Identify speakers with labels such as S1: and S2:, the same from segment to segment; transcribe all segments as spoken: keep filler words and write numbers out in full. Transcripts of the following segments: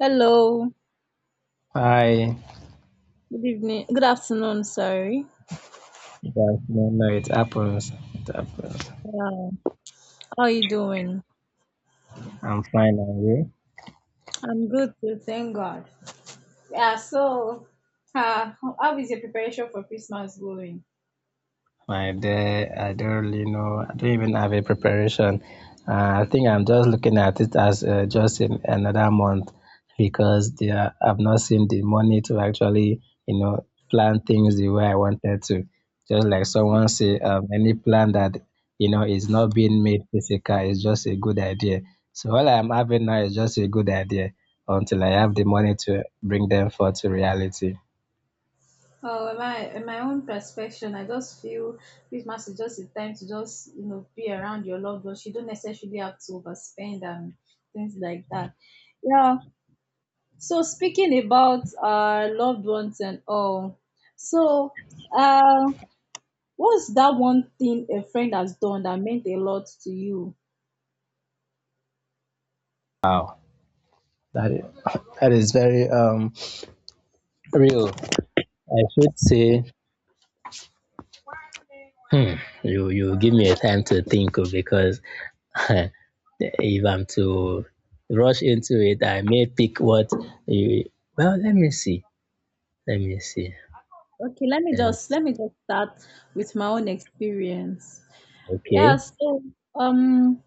S1: Hello.
S2: Hi,
S1: Good evening. Good afternoon, sorry.
S2: you guys don't know it happens. It happens.
S1: Yeah. How are you doing?
S2: I'm fine, and you?
S1: I'm good too, thank God. Yeah, so uh, how is your preparation for Christmas going?
S2: My day, I don't really know. I don't even have a preparation. Uh, I think I'm just looking at it as uh, just in another month because there, I've not seen the money to actually, you know, plan things the way I wanted to. Just like someone say, um, any plan that you know is not being made physical is just a good idea. So all I'm having now is just a good idea until I have the money to bring them forth to reality.
S1: Oh, in my in my own perspective, I just feel Christmas is just a time to just you know be around your loved ones. You don't necessarily have to overspend and things like that. Yeah. So speaking about our loved ones and all, so uh, what's that one thing a friend has done that meant a lot to you?
S2: Wow, that is, that is very um real. I should say, hmm, you you give me a time to think of because if I'm to rush into it, I may pick what you. Well, let me see. Let me see.
S1: Okay, let me
S2: Let me,
S1: just let me just start with my own experience. Yeah,
S2: okay.
S1: so um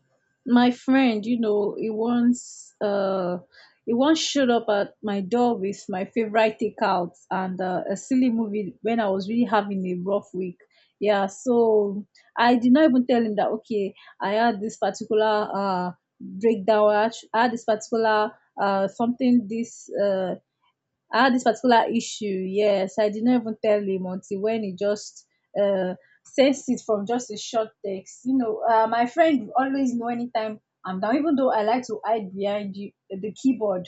S1: my friend, you know, he once uh he once showed up at my door with my favorite takeout and uh, a silly movie when I was really having a rough week. Yeah, so I did not even tell him that okay, I had this particular uh breakdown, I had I had this particular uh something this uh I had this particular issue. Yes, I did not even tell him until when he just uh, sends it from just a short text. You know, uh, my friend always know anytime I'm down, even though I like to hide behind you, the keyboard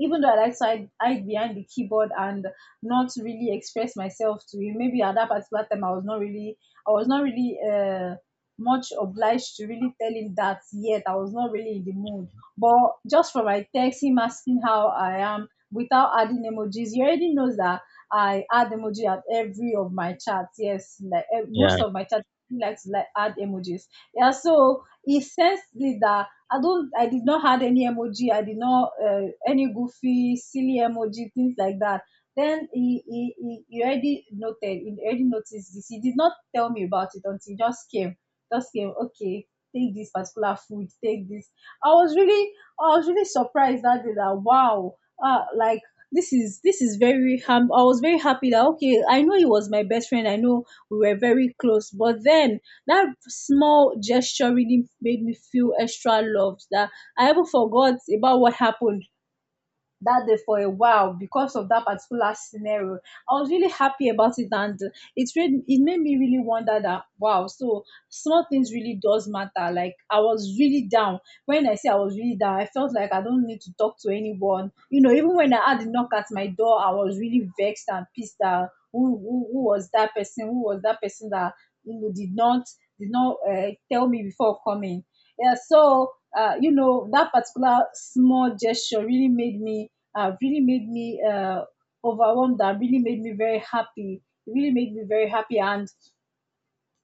S1: even though I like to hide, hide behind the keyboard and not really express myself to you, maybe at that particular time I was not really, I was not really uh, much obliged to really tell him that yet. I was not really in the mood. But just from my text, him asking how I am without adding emojis, he already knows that I add emoji at every of my chats. Yes, like eh, most
S2: Yeah.
S1: of my chats, he likes to like add emojis. Yeah, so he sensed it that I don't. I did not had any emoji. I did not uh, any goofy, silly emoji, things like that. Then he, he, he he already noted. He already noticed this. He did not tell me about it until he just came. Just came. Okay, take this particular food. Take this. I was really, I was really surprised that day. That wow, uh, like this is this is very. Ham- I was very happy that okay. I know he was my best friend. I know we were very close. But then that small gesture really made me feel extra loved that I even forgot about what happened that day for a while because of that particular scenario. I was really happy about it, and it made it made me really wonder that wow, so small things really does matter. Like I was really down. When I say I was really down, I felt like I don't need to talk to anyone. You know, even when I had the knock at my door, I was really vexed and pissed that who who, who was that person? Who was that person that you know did not did not uh, tell me before coming? Yeah, so. Uh, you know that particular small gesture really made me uh, really made me uh, overwhelmed. That really made me very happy. It really made me very happy, and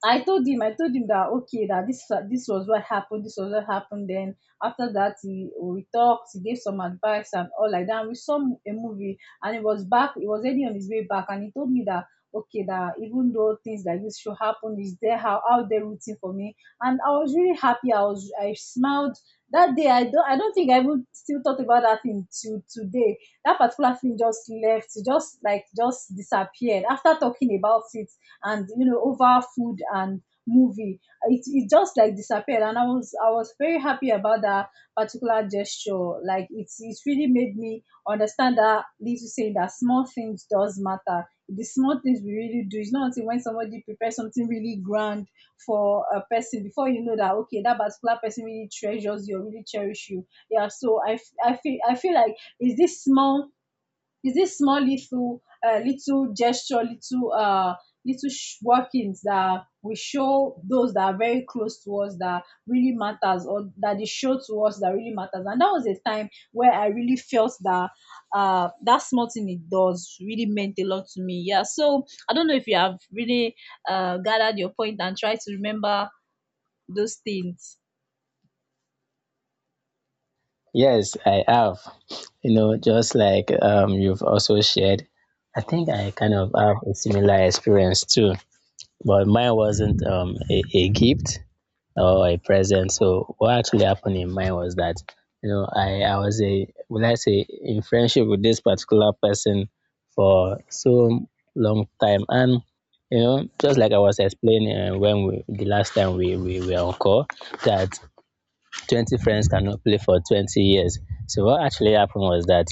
S1: I told him, I told him that okay, that this this was what happened, this was what happened. Then after that, he we talked, he gave some advice and all like that. And we saw a movie, and it was back, it was already on his way back, and he told me that okay, that even though things like this should happen, is there how out there rooting for me, and I was really happy. I was I smiled that day. I don't I don't think I would still thought about that thing till today. That particular thing just left, it just like just disappeared after talking about it and you know over food and movie it, it just like disappeared and i was I was very happy about that particular gesture. Like it's it really made me understand that little saying that small things does matter. The small things we really do, it's not until when somebody prepares something really grand for a person before you know that okay, that particular person really treasures you or really cherish you. Yeah, so i f- i feel I feel like it's this small, it's this small little uh, little gesture, little uh, little sh- workings that we show those that are very close to us that really matters, or that they show to us that really matters. And that was a time where I really felt that uh, that small thing it does really meant a lot to me. Yeah. So I don't know if you have really uh, gathered your point and try to remember those things.
S2: Yes, I have. You know, just like um, you've also shared, I think I kind of have a similar experience too. But mine wasn't um, a, a gift or a present. So what actually happened in mine was that you know I I was a will I say in friendship with this particular person for so long time, and you know just like I was explaining uh, when we the last time we, we were on call that twenty friends cannot play for twenty years. So what actually happened was that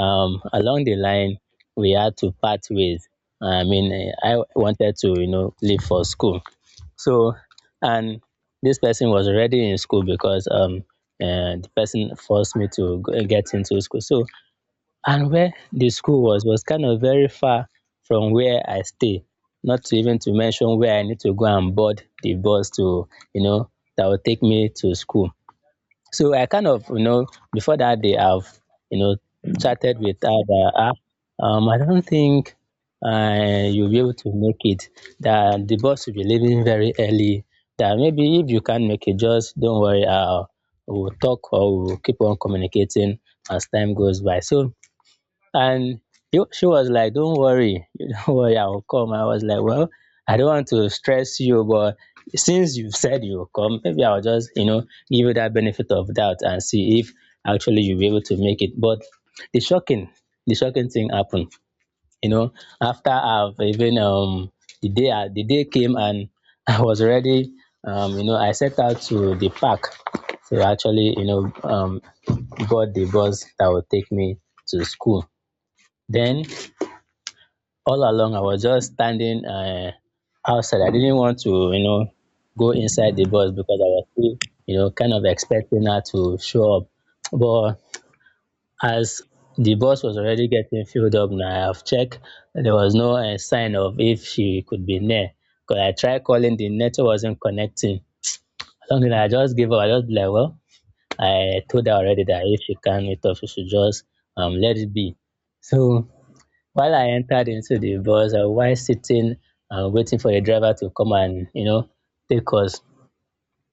S2: um along the line we had to part ways. I mean, eh, I wanted to, you know, leave for school. So, and this person was already in school because um, uh, the person forced me to go- eh, get into school. So, and where the school was was kind of very far from where I stay. Not to even to mention where I need to go and board the bus to, you know, that will take me to school. So I kind of, you know, before that day, I've, you know, chatted with her that, ah, um, I don't think uh, you'll be able to make it, that the bus will be leaving very early, that maybe if you can't make it, just don't worry, I'll, we'll talk, or we'll keep on communicating as time goes by. So, and he, she was like, "Don't worry, don't worry, I will come." I was like, "Well, I don't want to stress you, but since you've said you'll come, maybe I'll just, you know, give you that benefit of doubt and see if actually you'll be able to make it." But the shocking, the shocking thing happened, you know, after I've even, um, the day, I- the day came, and I was already, um, you know, I set out to the park to actually, you know, um, got the bus that would take me to school. Then all along I was just standing uh, outside. I didn't want to, you know go inside the bus because I was still, you know kind of expecting her to show up. But as the bus was already getting filled up, now I've checked, there was no uh, sign of if she could be near because I tried calling, the network wasn't connecting something. I just gave up. I just be like, well, I told her already that if she can't meet up, she should just um let it be. So while I entered into the bus, I was sitting and waiting for the driver to come and, you know, take us,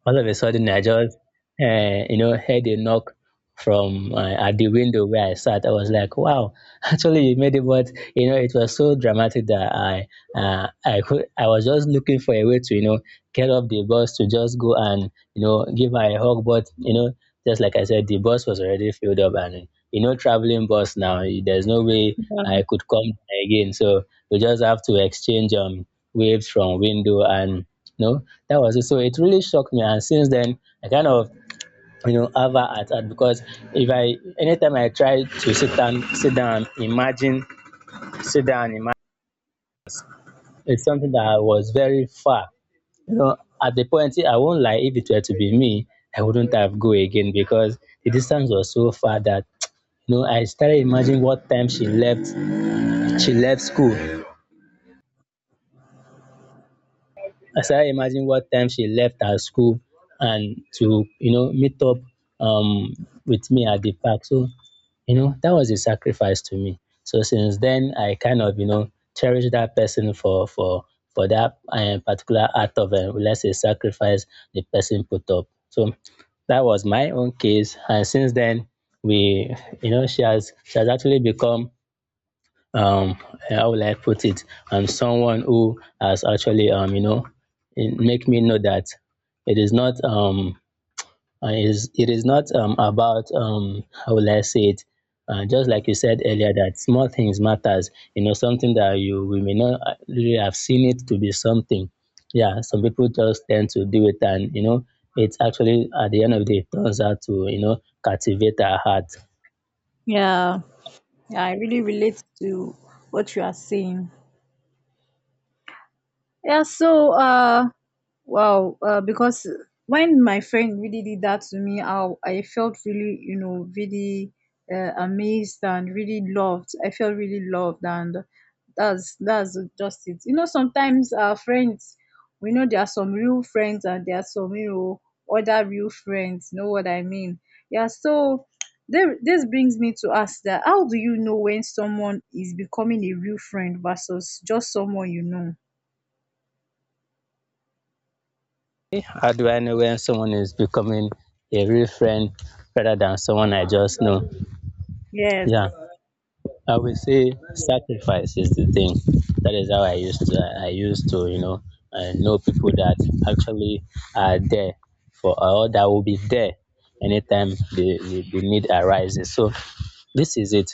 S2: all of a sudden I just uh, you know heard a knock from uh, at the window where I sat. I was like, "Wow, actually you made it," but you know it was so dramatic that I uh, I could I was just looking for a way to, you know get off the bus, to just go and, you know give her a hug, but you know just like I said, the bus was already filled up, and you know traveling bus now, you- there's no way
S1: Yeah,
S2: I could come down again. So we just have to exchange um waves from window, and no, that was it. So it really shocked me, and since then I kind of, you know have her at heart because if I anytime I try to sit down, sit down imagine, sit down, imagine. It's something that was very far, you know, at the point. I won't lie, if it were to be me, I wouldn't have go again because the distance was so far that, you know I started imagining what time she left she left school. I started imagining what time she left her school and to, you know, meet up um, with me at the park. So, you know, that was a sacrifice to me. So since then, I kind of, you know, cherish that person for for for that um, particular act of, um, let's say, sacrifice the person put up. So that was my own case, and since then, we, you know, she has she has actually become, um how will I put it? I'm someone who has actually, um you know it make me know that it is not um uh, it is it is not um about, um how will I say it? Uh, just like you said earlier, that small things matters, you know something that you we may not uh, really have seen it to be something. Yeah, some people just tend to do it and, you know it's actually at the end of the day it turns out to, you know captivate our heart.
S1: yeah, yeah, I really relate to what you are saying. Yeah, so uh wow, uh because when my friend really did that to me, I I felt really, you know, really uh, amazed and really loved. I felt really loved. And that's that's just it. You know, sometimes our friends, we know there are some real friends and there are some, you know, other real friends, you know what I mean? Yeah, so there, this brings me to ask that how do you know when someone is becoming a real friend versus just someone you know?
S2: How do I know when someone is becoming a real friend rather than someone I just know?
S1: Yes.
S2: Yeah, I would say sacrifice is the thing. That is how I used to. I used to, you know, uh, know people that actually are there for, or that will be there anytime the, the, the need arises. So this is it.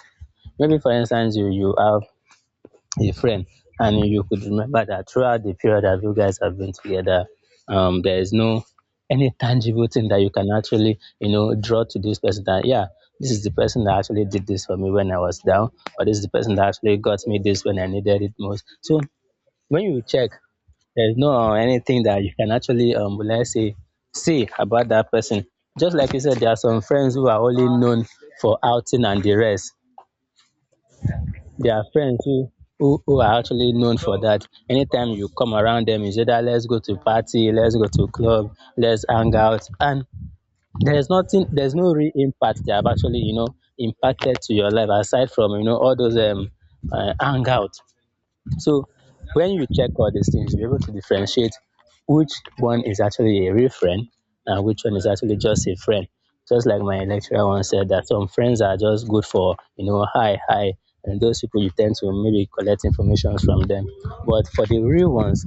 S2: Maybe for instance, you you have a friend, and you could remember that throughout the period that you guys have been together, um there is no any tangible thing that you can actually, you know draw to this person, that yeah, this is the person that actually did this for me when I was down, or this is the person that actually got me this when I needed it most. So when you check, there's no uh, anything that you can actually, um let's say, see about that person. Just like you said, there are some friends who are only known for outing and the rest. There are friends who, who who are actually known for that. Anytime you come around them, it's either let's go to party, let's go to club, let's hang out, and there's nothing, there's no real impact they have actually, you know impacted to your life aside from, you know all those, um uh, hangout. So when you check all these things, you're able to differentiate which one is actually a real friend and which one is actually just a friend. Just like my lecturer once said, that some friends are just good for, you know, hi, hi. And those people you tend to maybe collect information from them. But for the real ones,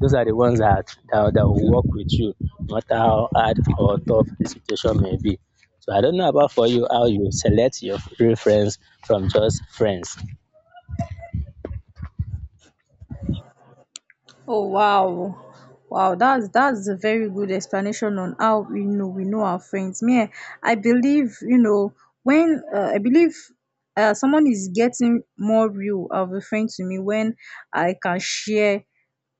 S2: those are the ones that, that, that will work with you, no matter how hard or tough the situation may be. So I don't know about for you, how you select your real friends from just friends.
S1: Oh wow. Wow, that's that's a very good explanation on how we know we know our friends. Me, eh, I believe you know when uh, I believe uh, someone is getting more real of a friend to me when I can share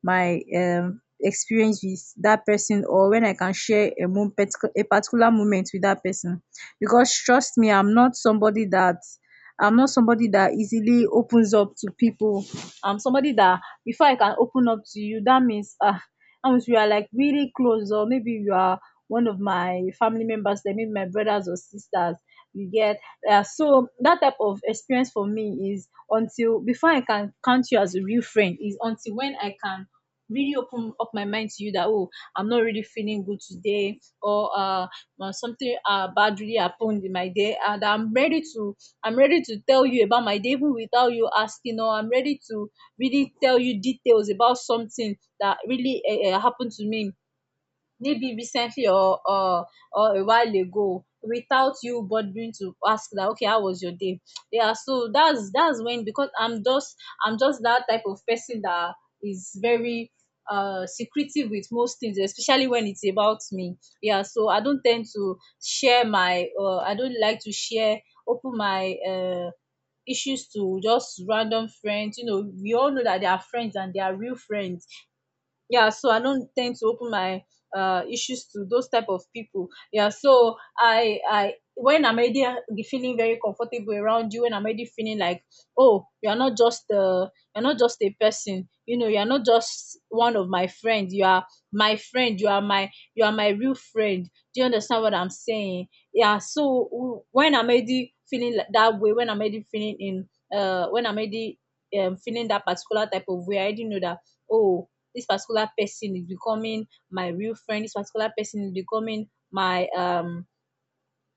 S1: my um experience with that person or when I can share a mo- particu- a particular moment with that person. Because trust me, I'm not somebody that I'm not somebody that easily opens up to people. I'm somebody that before I can open up to you, that means ah, that means we are like really close, or maybe you are one of my family members, like maybe my brothers or sisters. You get uh, so that type of experience for me is until before I can count you as a real friend is until when I can really open up my mind to you that oh, I'm not really feeling good today, or uh uh, something uh, bad really happened in my day and i'm ready to I'm ready to tell you about my day even without you asking, or I'm ready to really tell you details about something that really uh, uh, happened to me maybe recently or or or a while ago without you bothering to ask that okay, how was your day. Yeah, so that's that's when, because I'm just i'm just that type of person that is very uh secretive with most things, especially when it's about me. Yeah, so I don't tend to share my uh I don't like to share, open my uh issues to just random friends. You know, we all know that they are friends and they are real friends. Yeah, so I don't tend to open my uh issues to those type of people. Yeah, so i i when I'm already uh, feeling very comfortable around you, when I'm already feeling like oh, you're not just uh you're not just a person, you know, you're not just one of my friends, you are my friend, you are my, you are my real friend. Do you understand what I'm saying? Yeah, so w- when I'm already feeling like that way, when I'm already feeling in uh when I'm already um, feeling that particular type of way, I already know that oh, this particular person is becoming my real friend, this particular person is becoming my um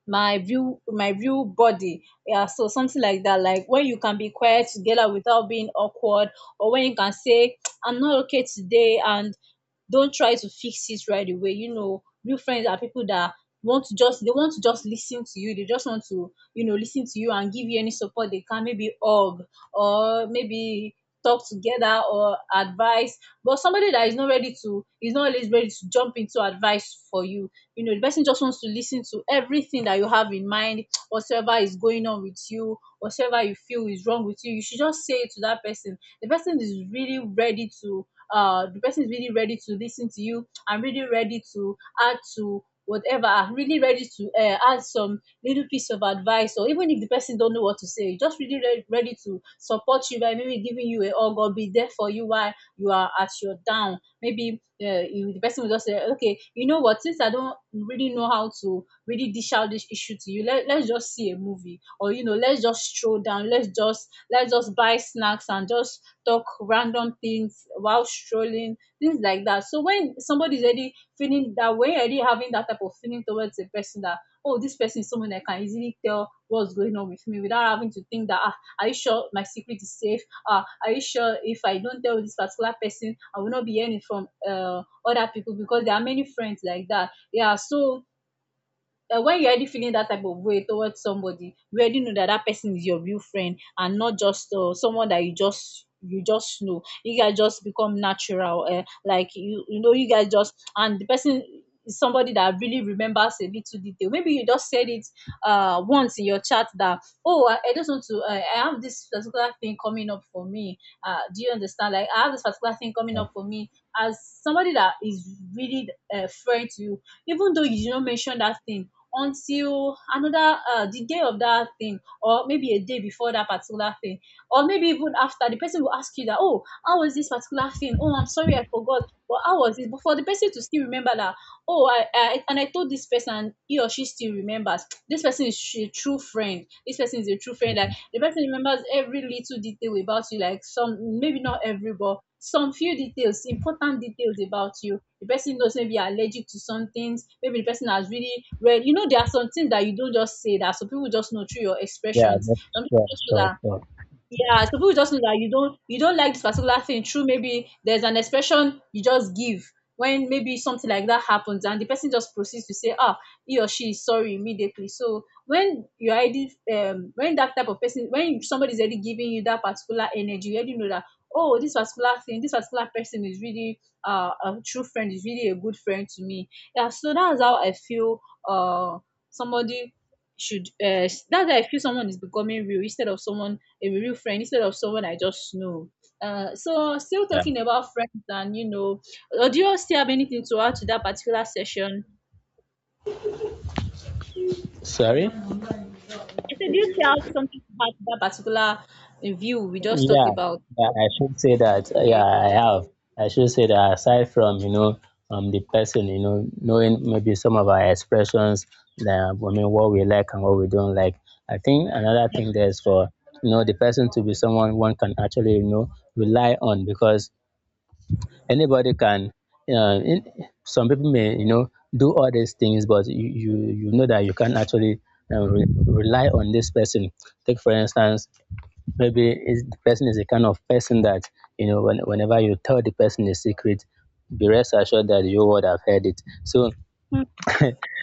S1: my real my real body. Yeah, so something like that, like when you can be quiet together without being awkward, or when you can say I'm not okay today and don't try to fix it right away. You know, real friends are people that want to just they want to just listen to you, they just want to you know listen to you and give you any support they can, maybe hug or maybe talk together or advice. But somebody that is not ready to, is not always ready to jump into advice for you. You know, the person just wants to listen to everything that you have in mind. Whatsoever is going on with you, whatsoever you feel is wrong with you, you should just say it to that person. The person is really ready to uh the person is really ready to listen to you and really ready to add to whatever and really ready to uh, add some little piece of advice. Or even if the person don't know what to say, just really re- ready to support you by maybe giving you a hug or be there for you while you are at your down. Maybe uh, you, the person will just say okay, you know what, since I don't really know how to really dish out this issue to you, let, let's just see a movie, or you know, let's just stroll down, let's just let's just buy snacks and just talk random things while strolling, things like that. So when somebody's already feeling that way, already having that type of feeling towards a person that, oh, this person is someone I can easily tell what's going on with me without having to think that, ah, are you sure my secret is safe? Ah, are you sure if I don't tell this particular person, I will not be hearing from uh, other people, because there are many friends like that. Yeah, so uh, when you're already feeling that type of way towards somebody, you already know that that person is your real friend and not just uh, someone that you just you just know. You guys just become natural, uh, like you you know you guys just, and the person is somebody that really remembers a little detail. Maybe you just said it uh once in your chat that, oh, i, I just want to, uh, I have this particular thing coming up for me. Uh do you understand? Like I have this particular thing coming up for me as somebody that is really a friend to you. Even though you did not mention that thing until another, uh, the day of that thing, or maybe a day before that particular thing, or maybe even after, the person will ask you that, oh, how was this particular thing? Oh, I'm sorry, I forgot, but how was it? But for the person to still remember that, oh, i, I and I told this person and he or she still remembers, this person is a true friend. This person is a true friend. The person remembers every little detail about you. Like some, maybe not every, but some few details, important details about you. The person knows, maybe you're allergic to some things. Maybe the person has really read, you know, there are some things that you don't just say, that so people just know through your
S2: Yeah,
S1: expressions.
S2: that's
S1: Some people
S2: sure,
S1: just know
S2: sure,
S1: that.
S2: sure.
S1: Yeah, some people just know that you don't you don't like this particular thing. True, maybe there's an expression you just give when maybe something like that happens, and the person just proceeds to say, "Ah, he or she is sorry immediately." So when you are already, um when that type of person, when somebody's already giving you that particular energy, you already know that, oh, this particular thing, this particular person is really uh, a true friend, is really a good friend to me. Yeah, so that's how I feel. Uh, Somebody should uh that's how I feel someone is becoming real instead of someone, a real friend instead of someone I just know. Uh, so, still
S2: Yeah.
S1: talking about friends, and you know, or do you still have anything to add to that particular session?
S2: Sorry?
S1: I said, do you still have something to add to that particular uh, view we just talked
S2: Yeah.
S1: about?
S2: Yeah, I should say that. uh, Yeah,
S1: Okay.
S2: I have. I should say that aside from, you know, um, the person, you know, knowing maybe some of our expressions, that, I mean, what we like and what we don't like. I think another thing there is, for, you know, the person to be someone one can actually, you know, rely on, because anybody can, uh, in, some people may, you know, do all these things, but you, you, you know that you can't actually uh, re- rely on this person. Take, for instance, maybe is the person is the kind of person that, you know when, whenever you tell the person a secret, be rest assured that you would have heard it. So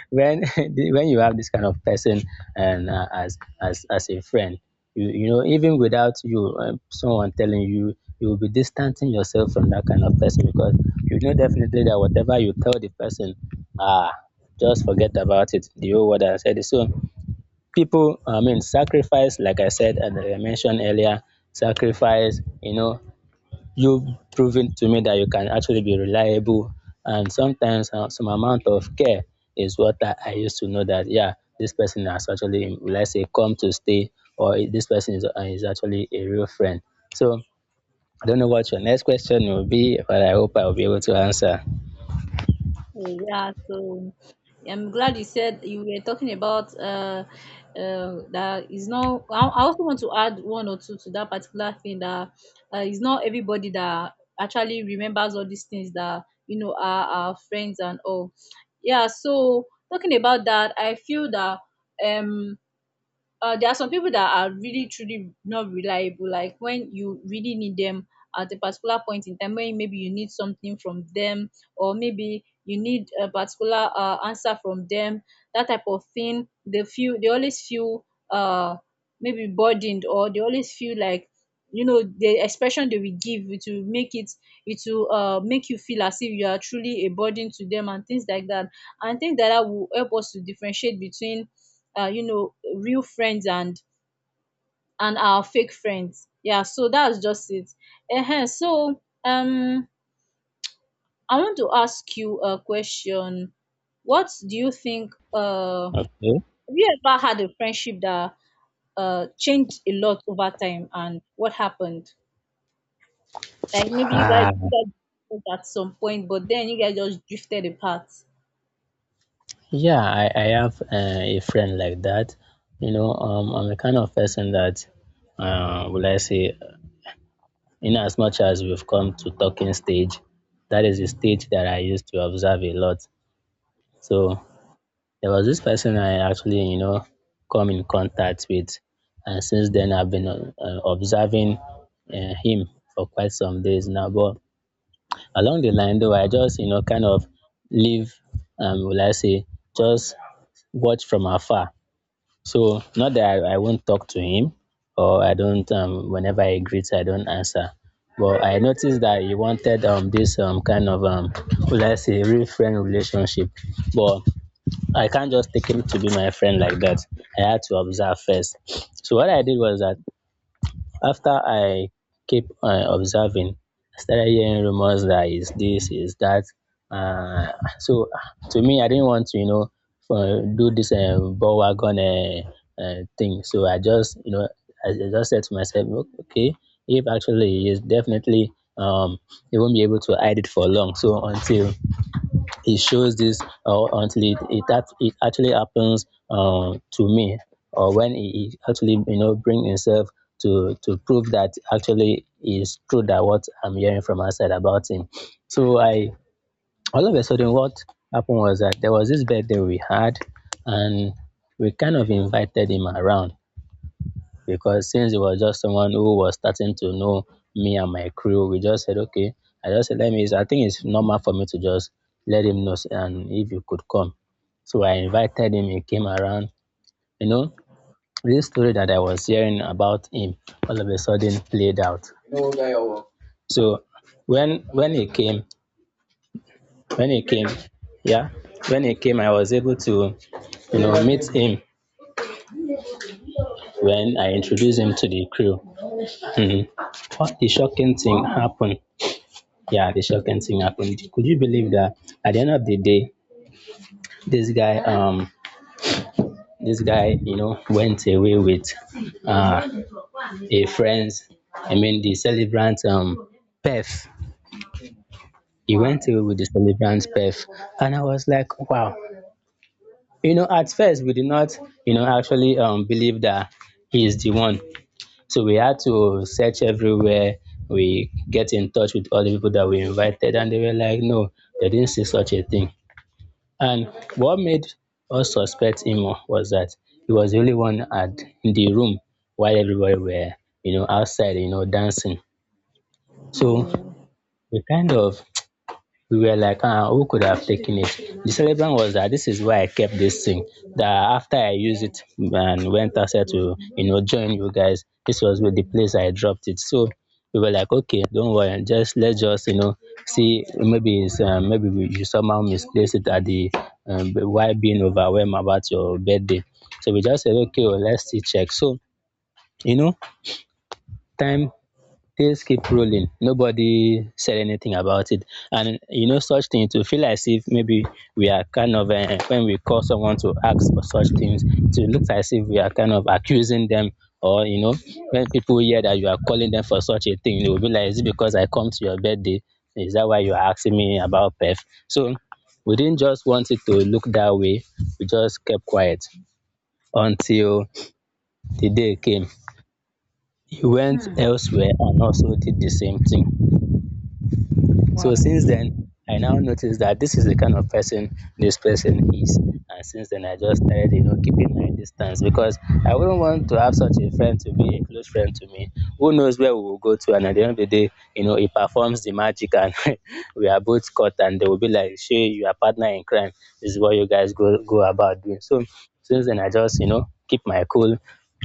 S2: when the- when you have this kind of person, and uh, as as as a friend, you you know even without you um, someone telling you, you will be distancing yourself from that kind of person, because you know definitely that whatever you tell the person, ah, just forget about it. The whole world has said it. So people, I mean, sacrifice, like I said, and I mentioned earlier, sacrifice, you know, you've proven to me that you can actually be reliable. And sometimes uh, some amount of care is what I, I used to know that, yeah, this person has actually, let's say, come to stay, or this person is, uh, is actually a real friend. So I don't know what your next question will be, but I hope I'll be able to answer.
S1: Yeah, so I'm glad you said you were talking about, uh, uh, that is not. I I also want to add one or two to that particular thing that, uh, it's not everybody that actually remembers all these things that, you know, are our friends and all. Yeah, so talking about that, I feel that, um uh, there are some people that are really truly not reliable, like when you really need them at a particular point in time, when maybe you need something from them, or maybe you need a particular uh, answer from them, that type of thing, they feel, they always feel uh maybe burdened, or they always feel like, you know, the expression they will give, it will make it, it will uh make you feel as if you are truly a burden to them, and things like that. And things like that will help us to differentiate between, uh, you know, real friends and and our fake friends. Yeah, so that's just it. uh so um I want to ask you a question. What do you think, uh
S2: Okay.
S1: have you ever had a friendship that uh changed a lot over time, and what happened? Like maybe you guys,
S2: Ah,
S1: you guys met at some point, but then you guys just drifted apart.
S2: yeah, I, I have uh, a friend like that. You know, um, I'm the kind of person that, uh, will I say, in as much as we've come to talking stage, that is a stage that I used to observe a lot. So there was this person I actually, you know, come in contact with, and since then I've been uh, uh, observing uh, him for quite some days now. But along the line, though, I just, you know, kind of live, um, will I say, just watch from afar. So not that I, I won't talk to him or I don't, um, whenever I greet I don't answer. But I noticed that he wanted, um, this, um, kind of, um, would I say real friend relationship. But I can't just take him to be my friend like that. I had to observe first. So what I did was that after I keep uh, observing, I started hearing rumors that is this is that, uh, so to me I didn't want to, you know, for, do this, um, ball wagon uh, uh, thing, so I just, you know, I, I just said to myself, "O- Okay, if actually he is definitely, um he won't be able to hide it for long, so until it shows this, uh, until it it, act- it actually happens uh, to me, or when he, he actually, you know, bring himself to to prove that actually is true that what I'm hearing from outside about him." So I, all of a sudden, what happened was that there was this birthday we had and we kind of invited him around, because since it was just someone who was starting to know me and my crew, we just said, okay, I just said, let me, I think it's normal for me to just let him know and if you could come. So I invited him, he came around. You know, this story that I was hearing about him all of a sudden played out. So when when he came, when he came, yeah, when he came, I was able to, you know, meet him when I introduced him to the crew. Mhm. What, the shocking thing happened. Yeah, the shocking thing happened. Could you believe that at the end of the day, this guy, um, this guy, you know, went away with, uh, a friend's, I mean, the celebrant, um, Pef. He went
S1: Wow.
S2: away with the celebrant Pef, and I was like, wow. You know, at first we did not, you know, actually, um, believe that he is the one. So we had to search everywhere. We get in touch with all the people that we invited, and they were like, no, they didn't see such a thing. And what made us suspect him was that he was the only one at in the room while everybody were, you know, outside, you know, dancing. So we kind of, we were like, ah, who could have taken it? The celebrant was that this is why I kept this thing. That after I used it and went outside to, you know, join you guys, this was with the place I dropped it. So we were like, okay, don't worry, just let's just, you know, see, maybe it's, um, maybe we, you somehow misplaced it at the, um, why being overwhelmed about your birthday. So we just said, okay, well, let's see check. So you know, time things keep rolling. Nobody said anything about it. And you know, such thing to feel as if maybe we are kind of, uh, when we call someone to ask for such things, to look as if we are kind of accusing them. Or you know, when people hear that you are calling them for such a thing, they will be like, "Is it because I come to your birthday? Is that why you are asking me about PEF?" So we didn't just want it to look that way. We just kept quiet until the day came. He went
S1: Hmm.
S2: elsewhere and also did the same thing. So
S1: Wow.
S2: since then, I now noticed that this is the kind of person this person is. And since then, I just started, you know, keeping my distance because I wouldn't want to have such a friend to be a close friend to me. Who knows where we will go to? And at the end of the day, you know, he performs the magic and we are both caught and they will be like, Shay, you are partner in crime. This is what you guys go, go about doing. So since then, I just, you know, keep my cool.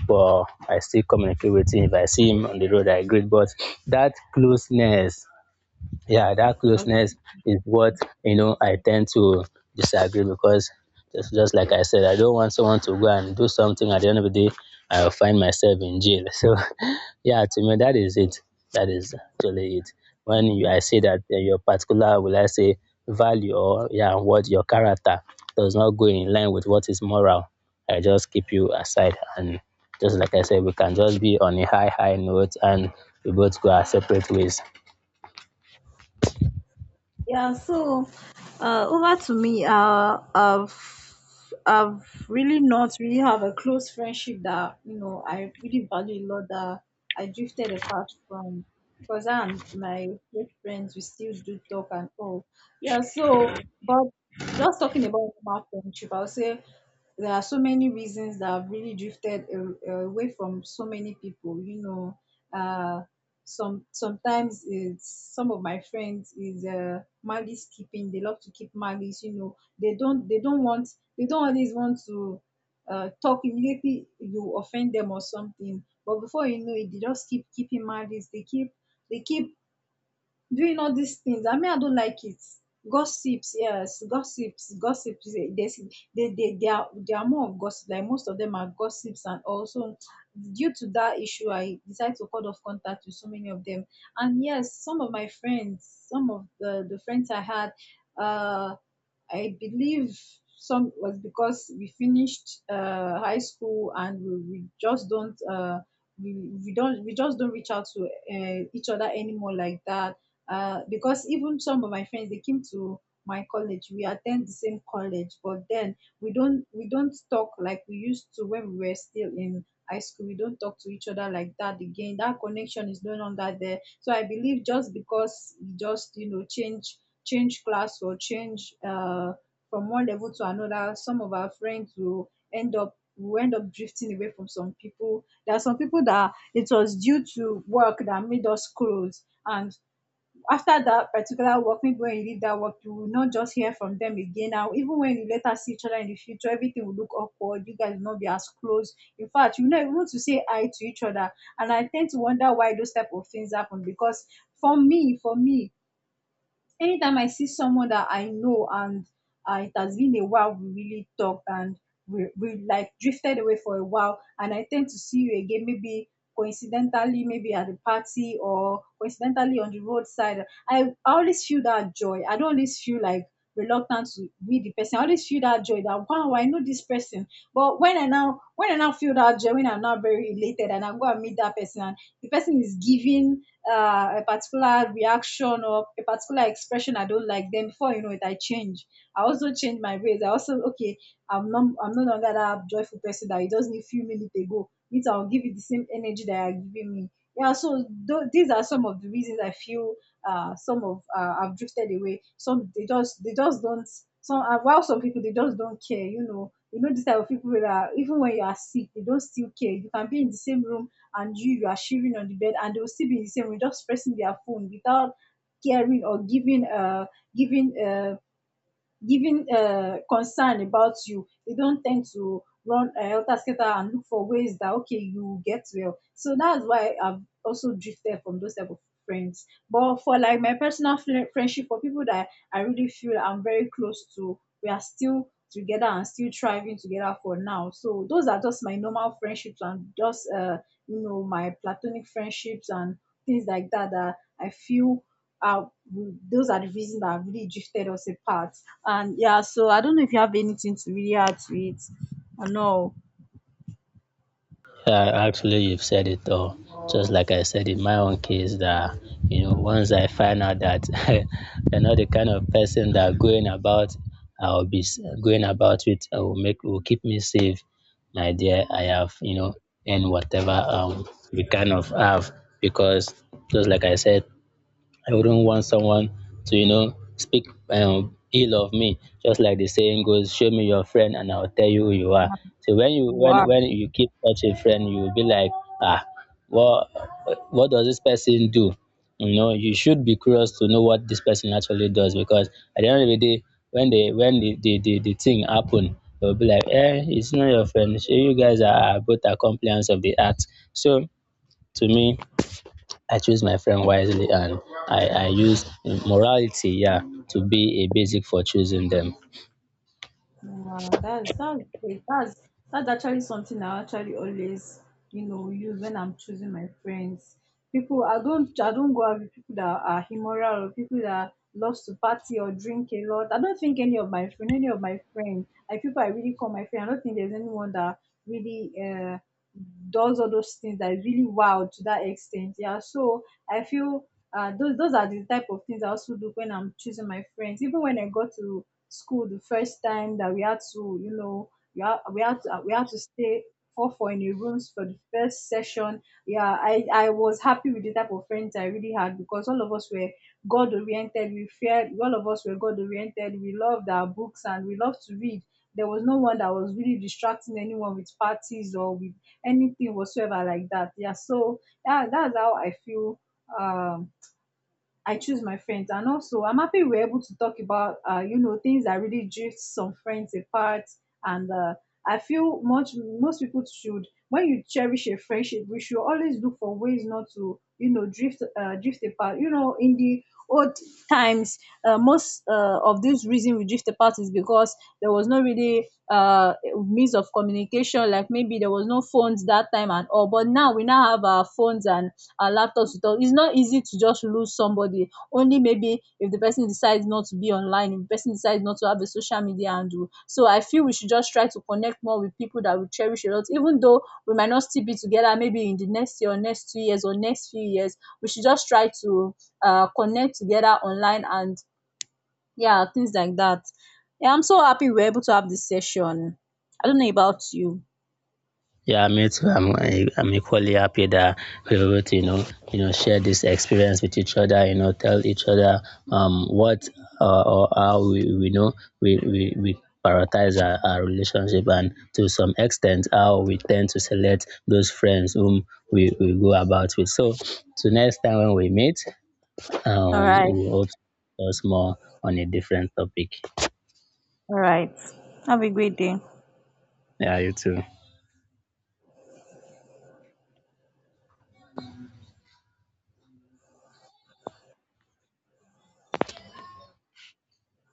S2: But I still communicate with him. If I see him on the road, I greet. But that closeness, yeah, that closeness is what, you know, I tend to disagree because just just like I said, I don't want someone to go and do something at the end of the day I'll find myself in jail. So yeah, to me that is it. That is actually it. When you, I say that, uh, your particular will I say value or yeah, what your character does not go in line with what is moral, I just keep you aside and just like I said, we can just be on a high high note and we both go our separate ways.
S1: Yeah, so uh, over to me. Uh, I've I've really not really have a close friendship that, you know, I really value a lot, that I drifted apart from, because I and my close friends, we still do talk and all. Yeah, so, but just talking about normal friendship, I'll say there are so many reasons that I've really drifted a- away from so many people. You know, uh some sometimes it's some of my friends is uh malice keeping. They love to keep malice, you know. They don't they don't want, they don't always want to uh talk immediately you offend them or something. But before you know it, they just keep keeping malice. They keep they keep doing all these things. I mean, I don't like it. Gossips, yes, gossips, gossips. eh, There's, they, they, they are, they are more of gossip. Like most of them are gossips, and also due to that issue, I decided to cut off contact with so many of them. And yes, some of my friends, some of the the friends I had, uh, I believe some was because we finished uh, high school, and we, we just don't, uh, we, we don't we just don't reach out to uh, each other anymore like that. Uh, because even some of my friends, they came to my college. We attend the same college, but then we don't we don't talk like we used to when we were still in high school. We don't talk to each other like that again. That connection is no longer there. So I believe, just because you just, you know, change change class, or change uh from one level to another, some of our friends will end up, we end up drifting away from some people. There are some people that it was due to work that made us close, and after that particular work, maybe when you leave that work, you will not just hear from them again. Now, even when you later see each other in the future, everything will look awkward. You guys will not be as close. In fact, you know, even want to say hi to each other. And I tend to wonder why those type of things happen. Because for me, for me, anytime I see someone that I know, and uh, it has been a while we really talked, and we, we like drifted away for a while, and I tend to see you again, maybe coincidentally, maybe at a party, or coincidentally on the roadside, I, always feel that joy. I don't always feel like reluctant to meet the person. I always feel that joy that, wow, I know this person. But when I now, when I now feel that joy, when I'm now very elated and I go and meet that person, and the person is giving uh, a particular reaction or a particular expression I don't like, then before you know it, I change. I also change my ways. I also, okay, I'm not I'm no longer that joyful person that you just need a few minutes ago. Means I'll give you the same energy that you're giving me. Yeah, so tho- these are some of the reasons I feel, uh, some of uh, I've drifted away. Some they just they just don't. Some uh, while some people, they just don't care. You know, you know this type of people that even when you are sick, they don't still care. You can be in the same room, and you you are shivering on the bed, and they'll still be in the same room just pressing their phone without caring, or giving uh giving uh giving uh, concern about you. They don't tend to run, uh, helter skelter, and look for ways that, okay, you get well. So that's why I've also drifted from those type of friends. But for like my personal fri- friendship, for people that I really feel I'm very close to, we are still together and still thriving together for now. So those are just my normal friendships, and just uh, you know, my platonic friendships, and things like that, that I feel uh, those are the reasons that have really drifted us apart. And yeah, so I don't know if you have anything to really add to it. I know.
S2: Yeah, actually, you've said it all. Just like I said in my own case, that you know, once I find out that you're not the kind of person that going about, I'll be s- going about it. I will make will keep me safe, my dear. I have you know, and whatever, um, we kind of have because just like I said, I wouldn't want someone to, you know, speak, um, ill of me. Just like the saying goes, "Show me your friend, and I'll tell you who you are." So when you when
S1: Wow.
S2: when you keep such a friend, you will be like, ah, what what does this person do? You know, you should be curious to know what this person actually does because at the end of the day, when they when the the the, the thing happen, they will be like, eh, it's not your friend. So you guys are are both accomplices of the act. So to me, I choose my friend wisely and I, I use morality, yeah, to be a basic for choosing them.
S1: Wow, that's that's great. That's that's actually something I actually always, you know, use when I'm choosing my friends. People, I don't I don't go out with people that are immoral, or people that loves to party or drink a lot. I don't think any of my friend, any of my friends, like people I really call my friend, I don't think there's anyone that really uh does all those things that is really wild to that extent. Yeah, so I feel, uh, those those are the type of things I also do when I'm choosing my friends. Even when I got to school the first time that we had to, you know, we had, we had to we had to stay four four in a rooms for the first session. Yeah, I I was happy with the type of friends I really had, because all of us were God oriented. We feared, all of us were God oriented. We loved our books, and we loved to read. There was no one that was really distracting anyone with parties or with anything whatsoever like that. Yeah, so yeah, that's how I feel, um, I choose my friends. And also, I'm happy we're able to talk about, uh, you know, things that really drift some friends apart. And uh, I feel much, most people should, when you cherish a friendship, we should always look for ways not to, you know, drift uh, drift apart. You know, in the old times, uh, most uh, of this reason we drift apart is because there was no really uh, means of communication. Like maybe there was no phones that time and all. But now we now have our phones and our laptops with us. It's not easy to just lose somebody. Only maybe if the person decides not to be online, if the person decides not to have a social media handle. So I feel we should just try to connect more with people that we cherish a lot. Even though we might not still be together, maybe in the next year or next two years or next few years, we should just try to uh, connect together online, and yeah, things like that. Yeah, I'm so happy we're able to have this session. I don't know about you.
S2: Yeah, me too. I'm, I, I'm equally happy that we were able to, you know, you know, share this experience with each other, you know, tell each other, um, what, uh, or how we, we know we, we, we prioritize our, our relationship and to some extent how we tend to select those friends whom we, we go about with. So to next time when we meet,
S1: All
S2: um,
S1: right.
S2: we'll also discuss more on a different topic.
S1: All right. Have a great day.
S2: Yeah, you too.